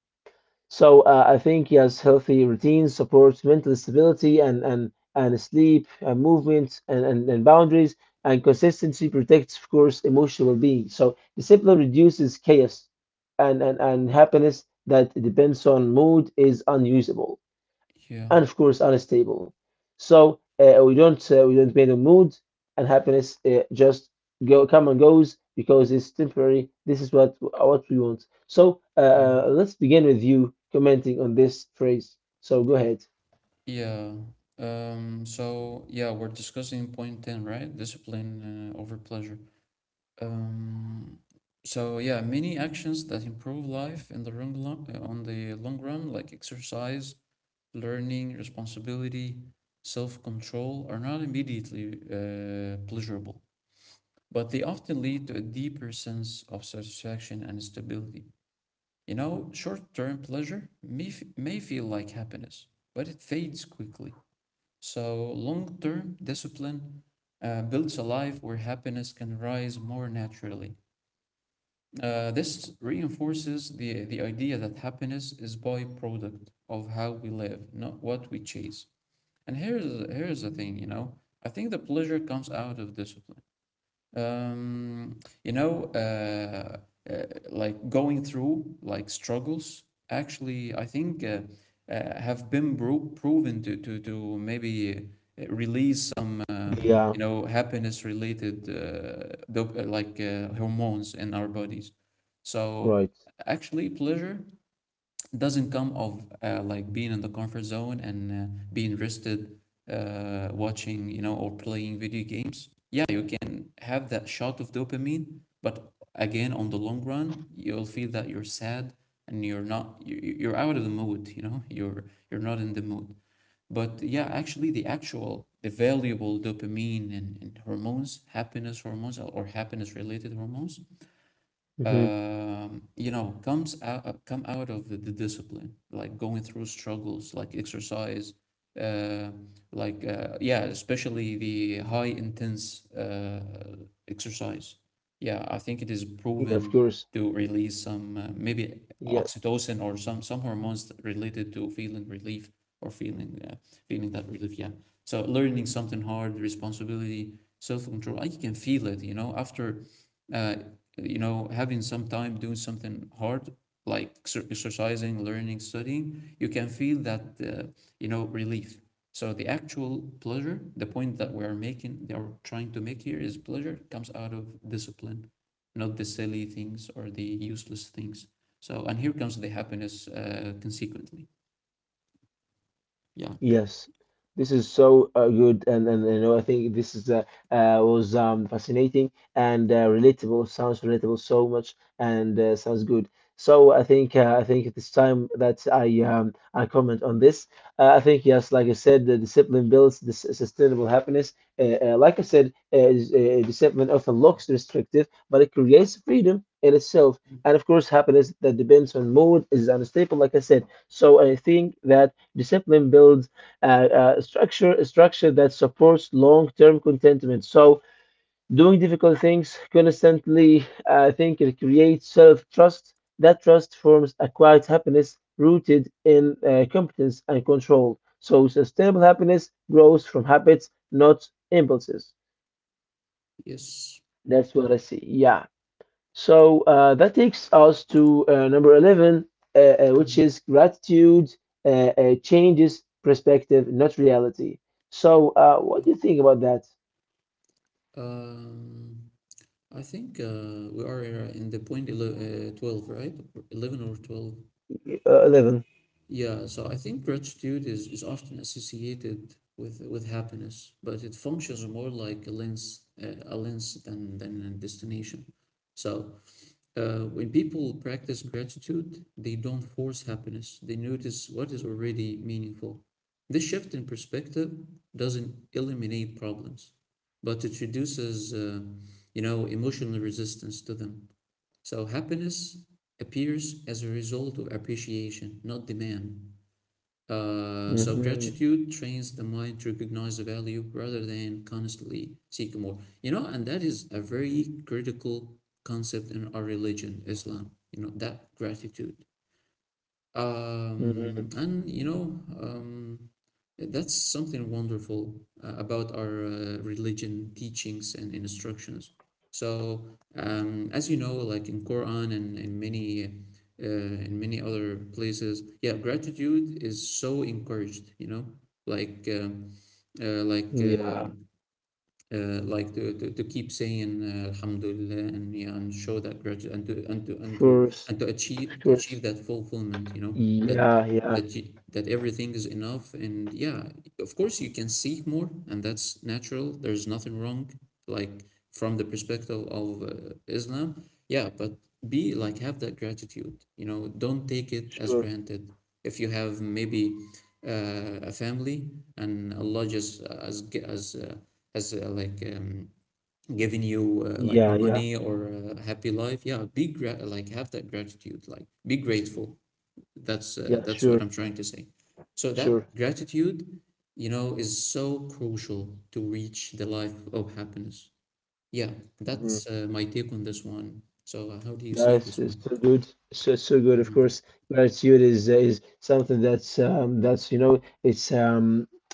Speaker 1: So I think yes, healthy routines support mental stability and sleep and movement and boundaries and consistency protects, of course, emotional well-being. So discipline reduces chaos and happiness that depends on mood is unusable
Speaker 2: Yeah,
Speaker 1: and of course unstable. So we don't bend the mood and happiness just go come and goes because it's temporary. This is what we want. So
Speaker 2: yeah,
Speaker 1: let's begin with you commenting on this phrase. So go ahead.
Speaker 2: yeah. So yeah, we're discussing point ten, right? Discipline over pleasure. Um, so yeah, many actions that improve life in the long, long on the long run, like exercise, learning, responsibility, self-control, are not immediately pleasurable, but they often lead to a deeper sense of satisfaction and stability. You know, short-term pleasure may feel like happiness, but it fades quickly. So long-term discipline builds a life where happiness can rise more naturally. This reinforces the idea that happiness is byproduct of how we live, not what we chase. And here's the thing, you know. I think the pleasure comes out of discipline um, you know, uh, uh, like going through like struggles actually, I think have been proven to maybe release some you
Speaker 1: Yeah,
Speaker 2: know happiness related hormones in our bodies. So
Speaker 1: right.
Speaker 2: actually, pleasure doesn't come of like being in the comfort zone and being rested watching you know or playing video games, yeah, you can have that shot of dopamine, but again on the long run you'll feel that you're sad and you're not you- you- you're out of the mood, you know [laughs] you're not in the mood. But yeah, actually the actual the valuable dopamine and hormones, happiness hormones or happiness related hormones,
Speaker 1: Hmm.
Speaker 2: you know, come out of the discipline, like going through struggles, like exercise, uh, yeah, especially the high intense exercise. Yeah, I think it is
Speaker 1: Yeah, of
Speaker 2: proven
Speaker 1: course.
Speaker 2: to release some maybe
Speaker 1: Yeah.
Speaker 2: oxytocin or some hormones related to feeling relief or feeling feeling that relief. Yeah, so learning something hard, responsibility, self control. I can feel it, you know, after uh, you know, having some time doing something hard, like exercising, learning, studying, you can feel that, you know, relief. So the actual pleasure, the point that we are making, they are trying to make here is pleasure comes out of discipline, not the silly things or the useless things. So, and here comes the happiness consequently. Yeah.
Speaker 1: Yes, this is so good, and you know I think this is was fascinating and relatable. Sounds relatable so much, and sounds good. So I think it is time that I comment on this. I think yes, like I said, the discipline builds this sustainable happiness. Like I said, is, discipline often looks restrictive, but it creates freedom in itself. And of course, happiness that depends on mood is unstable, like I said. So I think that discipline builds structure, a structure that supports long-term contentment. So, doing difficult things constantly, I think it creates self-trust. That trust forms a quiet happiness rooted in competence and control. So, sustainable happiness grows from habits, not impulses.
Speaker 2: Yes.
Speaker 1: That's what I see. Yeah. So that takes us to number 11, which
Speaker 2: Mhm.
Speaker 1: is gratitude changes perspective, not reality. So, what
Speaker 2: Yeah.
Speaker 1: do you think about that?
Speaker 2: Um, I think we are in the point 12, right? 11 or 12.
Speaker 1: 11.
Speaker 2: Yeah, so I think gratitude is often associated with happiness, but it functions more like a lens than a destination. So when people practice gratitude, they don't force happiness. They notice what is already meaningful. This shift in perspective doesn't eliminate problems, but it reduces, you know, emotional resistance to them. So happiness appears as a result of appreciation, not demand. So
Speaker 1: Hmm.
Speaker 2: gratitude trains the mind to recognize the value rather than constantly seek more. You know, and that is a very critical concept in our religion, Islam. You know, that gratitude. And you know, eh, that's something wonderful about our religion teachings and instructions. So, as you know, like in Quran and uh, in many other places, yeah, gratitude is so encouraged. Like uh, uh, like
Speaker 1: Yeah,
Speaker 2: uh,
Speaker 1: of
Speaker 2: like to, to keep saying Alhamdulillah and yeah, and show that gratitude and to
Speaker 1: course, of
Speaker 2: achieve
Speaker 1: course.
Speaker 2: that fulfillment. You know that
Speaker 1: Yeah, yeah,
Speaker 2: you, that everything is enough, and yeah, of course you can seek more, and that's natural. There's nothing wrong, like from the perspective of Islam, yeah, but be like, have that gratitude. You know, don't take it as
Speaker 1: sure.
Speaker 2: granted. If you have maybe a family, and Allah just as like giving you like
Speaker 1: Yeah, yeah,
Speaker 2: money or a happy life, yeah, be like have that gratitude, like be grateful.
Speaker 1: yeah,
Speaker 2: That's what
Speaker 1: sure,
Speaker 2: I'm trying to say. So that
Speaker 1: sure.
Speaker 2: gratitude, you know, is so crucial to reach the life of happiness. Yeah, that's
Speaker 1: Mhm.
Speaker 2: uh, my take on this one. So how do you see
Speaker 1: Yes,
Speaker 2: this
Speaker 1: it's
Speaker 2: one?
Speaker 1: so good, so so good. Of
Speaker 2: Mhm.
Speaker 1: course, gratitude is something that's you know it's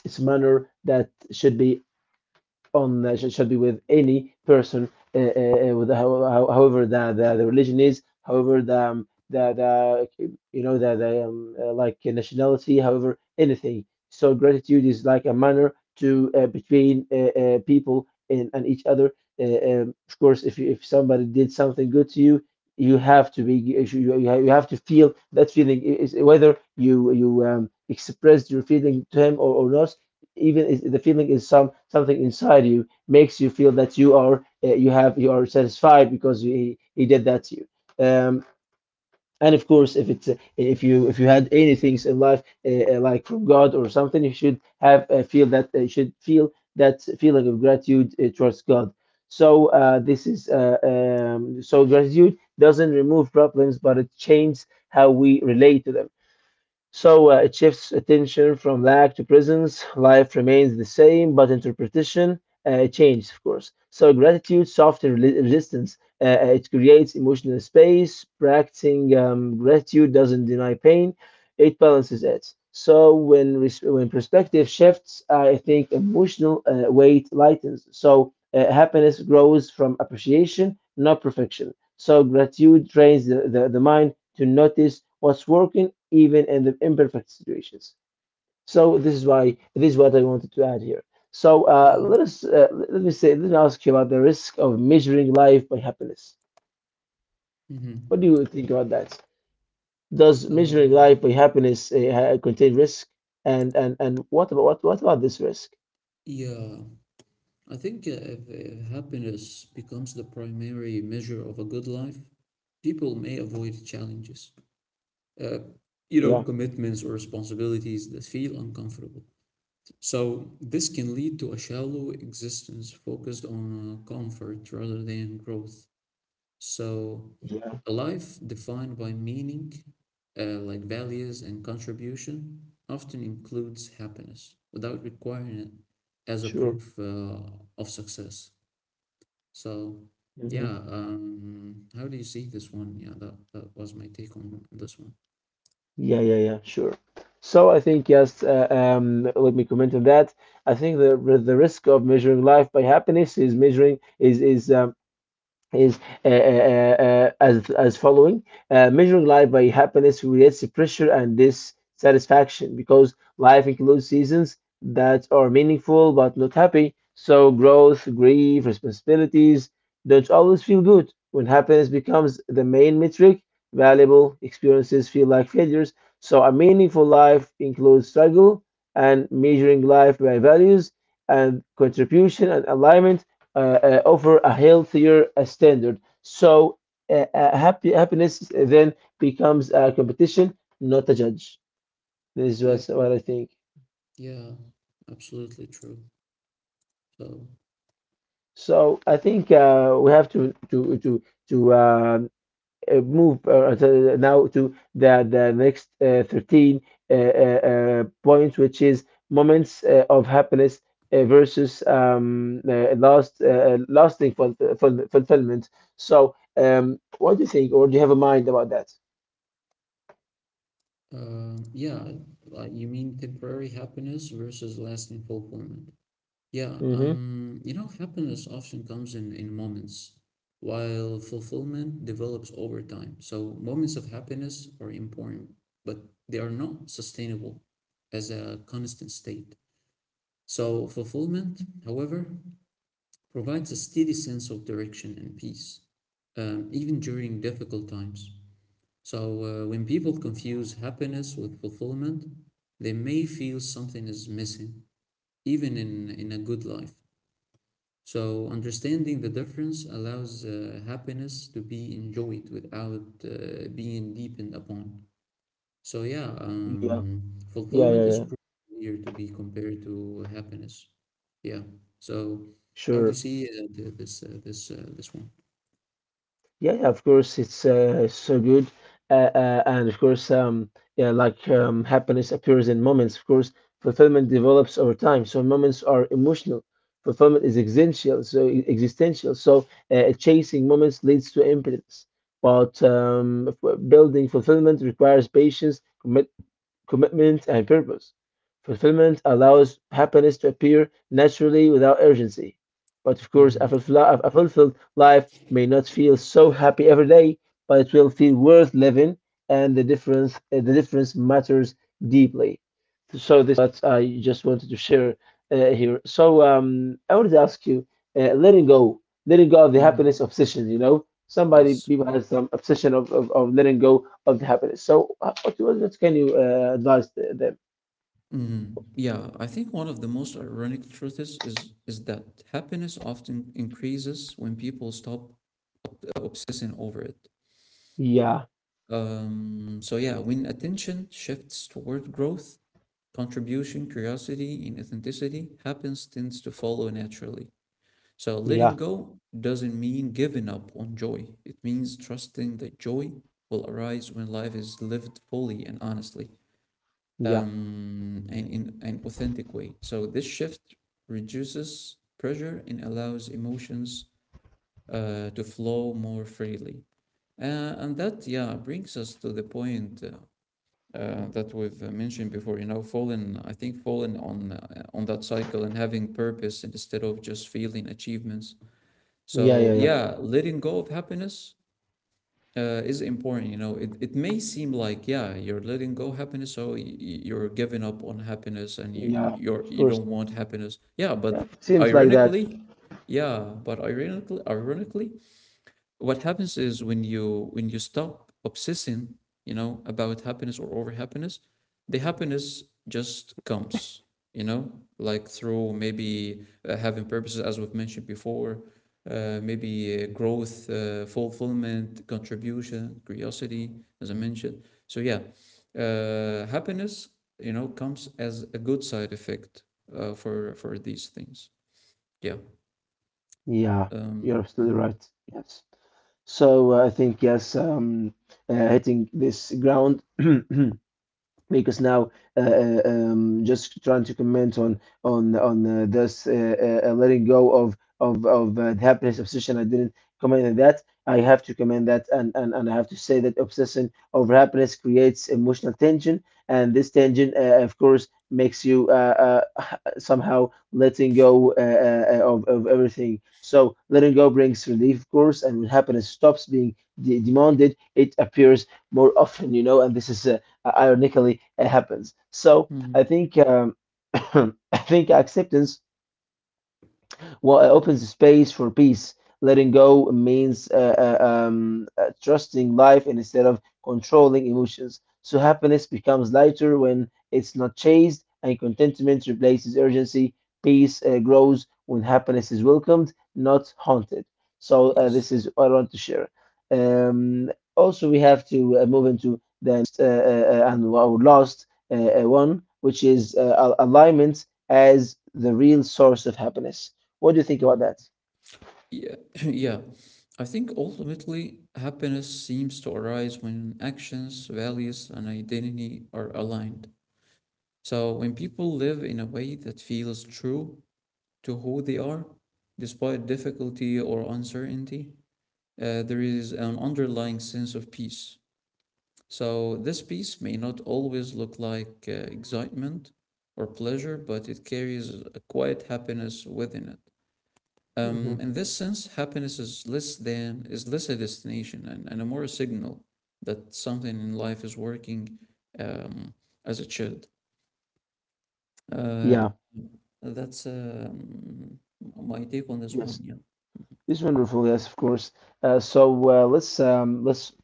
Speaker 1: it's a manner that should be on should be with any person, with however the religion is, however the you know the like nationality, however anything. So gratitude is like a manner to between people and each other. Of course, if you, if somebody did something good to you, you have to be you you have to feel that feeling is whether you expressed your feeling to him or not even is, the feeling is some something inside you makes you feel that you are you have you are satisfied because he did that to you and of course if it's if you had any things in life like from god or something you should have feel that you should feel that feeling of gratitude towards god. So this is so gratitude doesn't remove problems but it changes how we relate to them. So it shifts attention from lack to presence. Life remains the same, but interpretation changes, of course. So gratitude softens resistance. It creates emotional space. Practicing gratitude doesn't deny pain; it balances it. So when when perspective shifts, I think emotional weight lightens. So happiness grows from appreciation, not perfection. So gratitude trains the mind to notice what's working even in the imperfect situations. So this is why this is what I wanted to add here. So
Speaker 2: Yeah.
Speaker 1: let us let me say let me ask you about the risk of measuring life by happiness.
Speaker 2: Hmm.
Speaker 1: What do you think about that? Does measuring
Speaker 2: Uh,
Speaker 1: life by happiness contain risk? And what about this risk?
Speaker 2: yeah, I think if happiness becomes the primary measure of a good life, people may avoid challenges, uh,
Speaker 1: Yeah,
Speaker 2: commitments or responsibilities that feel uncomfortable. So this can lead to a shallow existence focused on comfort rather than growth. So
Speaker 1: yeah,
Speaker 2: a life defined by meaning, like values and contribution, often includes happiness without requiring it as a
Speaker 1: sure.
Speaker 2: proof of success. So,
Speaker 1: Mhm.
Speaker 2: yeah, how do you see this one? Yeah, that was my take on this one.
Speaker 1: Yeah, yeah, yeah, sure. So I think yes. Let me comment on that. I think the risk of measuring life by happiness is measuring is as following. Measuring life by happiness creates pressure and dissatisfaction, because life includes seasons that are meaningful but not happy. So growth, grief, responsibilities don't always feel good. When happiness becomes the main metric, valuable experiences feel like failures. So a meaningful life includes struggle, and measuring life by values and contribution and alignment offer a healthier standard. So happy happiness then becomes a competition, not a judge. This
Speaker 2: Yeah,
Speaker 1: was what I think.
Speaker 2: yeah, absolutely true. So,
Speaker 1: So I think we have to to um move so now to the next 13 points, which is moments of happiness versus lasting fulfillment. So, what do you think, or do you have a mind about that?
Speaker 2: Yeah, like you mean temporary happiness versus lasting fulfillment. Yeah,
Speaker 1: Mm-hmm.
Speaker 2: you know, happiness often comes in moments, while fulfillment develops over time. So moments of happiness are important, but they are not sustainable as a constant state. So fulfillment, however, provides a steady sense of direction and peace, even during difficult times. So when people confuse happiness with fulfillment, they may feel something is missing, even in a good life. So understanding the difference allows happiness to be enjoyed without being deepened upon. So yeah,
Speaker 1: Yeah, yeah, yeah,
Speaker 2: fulfillment is
Speaker 1: yeah.
Speaker 2: here to be compared to happiness. Yeah. So how do you
Speaker 1: Sure.
Speaker 2: see this one?
Speaker 1: Yeah, yeah, of course, it's so good. And of course, yeah, like happiness appears in moments. Of course, fulfillment develops over time. So moments are emotional. Fulfillment is existential. So existential. So chasing moments leads to impotence. But building fulfillment requires patience, commitment, commitment, and purpose. Fulfillment allows happiness to appear naturally without urgency. But of course,
Speaker 2: Mm-hmm.
Speaker 1: a fulfilled life may not feel so happy every day, but it will feel worth living, and the difference matters deeply. So this is what I just wanted to share uh, here. So I wanted to ask you, letting go of the
Speaker 2: Mm-hmm.
Speaker 1: happiness obsession. You know, somebody
Speaker 2: Yes.
Speaker 1: people has some obsession of letting go of the happiness. So, what can you advise them?
Speaker 2: Mhm. Yeah, I think one of the most ironic truths is that happiness often increases when people stop obsessing over it.
Speaker 1: Yeah,
Speaker 2: So yeah, when attention shifts toward growth, contribution, curiosity, and authenticity, happiness tends to follow naturally. So letting
Speaker 1: yeah,
Speaker 2: go doesn't mean giving up on joy. It means trusting that joy will arise when life is lived fully and honestly,
Speaker 1: yeah,
Speaker 2: and in an authentic way. So this shift reduces pressure and allows emotions to flow more freely. Uh, and that, yeah, brings us to the point that we've mentioned before. You know, falling, I think, falling on that cycle and having purpose instead of just feeling achievements.
Speaker 1: yeah,
Speaker 2: So,
Speaker 1: yeah, yeah,
Speaker 2: yeah, letting go of happiness is important. You know, it may seem like, yeah, you're letting go happiness, so you're giving up on happiness, and
Speaker 1: yeah. Of
Speaker 2: you
Speaker 1: course,
Speaker 2: don't want happiness. Yeah, but
Speaker 1: yeah. Seems like that.
Speaker 2: ironically, yeah, but ironically, what happens is when you stop obsessing, you know, about happiness or over happiness, the happiness just comes, you know, like through maybe having purposes as we've mentioned before, maybe growth, fulfillment, contribution, curiosity, as I mentioned. So yeah, happiness, you know, comes as a good side effect for these things, yeah,
Speaker 1: Yeah,
Speaker 2: um.
Speaker 1: you're absolutely
Speaker 2: Mhm.
Speaker 1: right. Yes. So I think yes, hitting this ground. [clears throat] Because now just trying to comment on this letting go of the happiness obsession. I didn't comment on that. I have to comment that, and I have to say that obsession over happiness creates emotional tension, and this tension of course makes you [laughs] [sighs] somehow letting go of everything. So letting go brings relief, of course, and when happiness stops being demanded, it appears more often, you know, and this is ironically it happens. So I
Speaker 2: Mhm.
Speaker 1: think [coughs] [clears throat] I think acceptance, well, it opens the space for peace. Letting go means trusting life instead of controlling emotions. So happiness becomes lighter when it's not chased, and contentment replaces urgency. Peace grows when happiness is welcomed, not haunted. So
Speaker 2: Yes.
Speaker 1: this is what I want to share. Um, Also, we have to move into the next and our last one, which is alignment as the real source of happiness. What do you think about
Speaker 2: Mhm.
Speaker 1: that?
Speaker 2: Yeah, [laughs] [clears throat] yeah. I think ultimately happiness seems to arise when actions, values, and identity are aligned. So when people live in a way that feels true to who they are, despite difficulty or uncertainty, there is an underlying sense of peace. So this peace may not always look like excitement or pleasure, but it carries a quiet happiness within it.
Speaker 1: Hmm.
Speaker 2: In this sense, happiness is less than is less a destination and a more a signal that something in life is working um, as it should. Uh,
Speaker 1: Yeah,
Speaker 2: that's my take on this one.
Speaker 1: yes,
Speaker 2: Yeah.
Speaker 1: it's wonderful. Yes, of course. So let's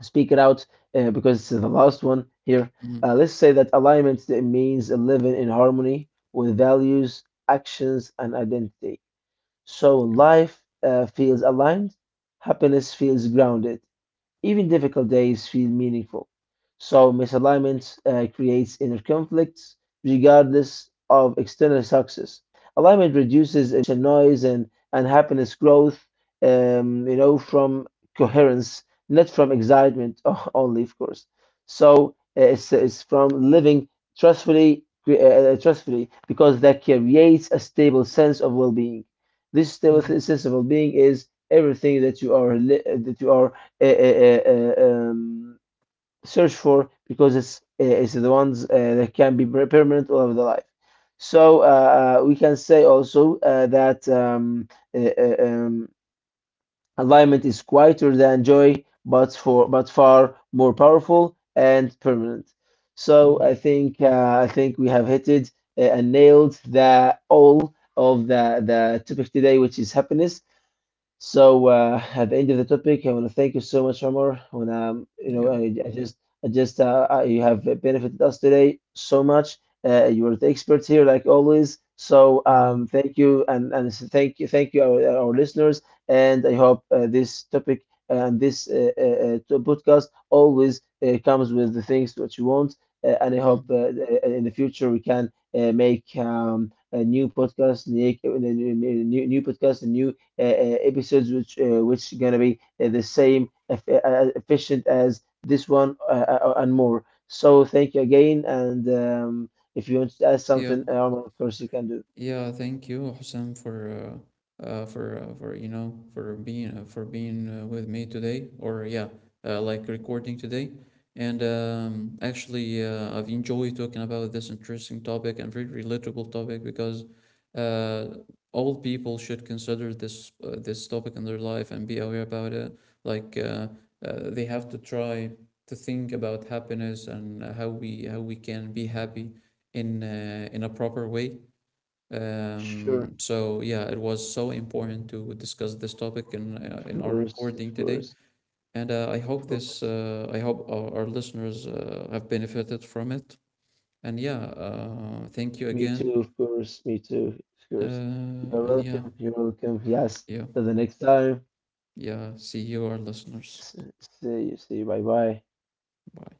Speaker 1: speak it out because it's the last one here.
Speaker 2: Mhm.
Speaker 1: Let's say that alignment, that means living in harmony with values, actions, and identity. So
Speaker 2: Yeah.
Speaker 1: life feels aligned, happiness feels grounded. Even difficult days feel meaningful. So misalignment creates inner conflicts regardless of external success. Alignment reduces emotional noise and happiness growth, you know, from coherence, not from excitement [laughs] only, of course. So it's from living trustfully, trustfully, because that creates a stable sense of well-being. This stable
Speaker 2: Hmm.
Speaker 1: sense of well-being is everything that you are that you are uh, uh, uh, uh, um, search for, because it's the ones that can be permanent all of the life. So we can say also that uh, uh, um, alignment is quieter than joy, but for but far more powerful and permanent. So
Speaker 2: Hmm.
Speaker 1: I think we have hit it and nailed the all of the topic today, which is happiness. So at the end of the topic, I want to thank you so much, Omar. When you know,
Speaker 2: Yeah.
Speaker 1: I just, I just, I, you have benefited us today so much. You are the expert here, like always. So
Speaker 2: Hmm.
Speaker 1: thank you, and thank you, our listeners. And I hope this topic and this podcast always comes with the things that you want. And I hope
Speaker 2: Hmm.
Speaker 1: in the future we can make a new podcast, new, new, new podcast, a new episodes, which gonna be the same efficient as this one and more. So thank you again, and if you want to add
Speaker 2: Yeah.
Speaker 1: something, of course you can do.
Speaker 2: Yeah, thank you, Hussein, for for, you know, for being with me today, or yeah, like recording today. And actually, I've enjoyed talking about this interesting topic and very relatable topic, because uh, all people should consider this this topic in their life and be aware about it. Like they have to try to think about happiness and how we can be happy in a proper way.
Speaker 1: Sure,
Speaker 2: Um, so yeah, it was so important to discuss this topic
Speaker 1: of
Speaker 2: in our
Speaker 1: course, of
Speaker 2: recording today,
Speaker 1: course,
Speaker 2: and I hope
Speaker 1: of
Speaker 2: this,
Speaker 1: course.
Speaker 2: I hope our listeners have benefited from it. And yeah, thank you
Speaker 1: Me too,
Speaker 2: again.
Speaker 1: of course, me too, of course.
Speaker 2: Uh,
Speaker 1: You're
Speaker 2: and yeah,
Speaker 1: welcome. You're welcome. Yes.
Speaker 2: yeah,
Speaker 1: Till the next time.
Speaker 2: yeah. See you, our listeners.
Speaker 1: S- See you. See you. Bye bye.
Speaker 2: Bye.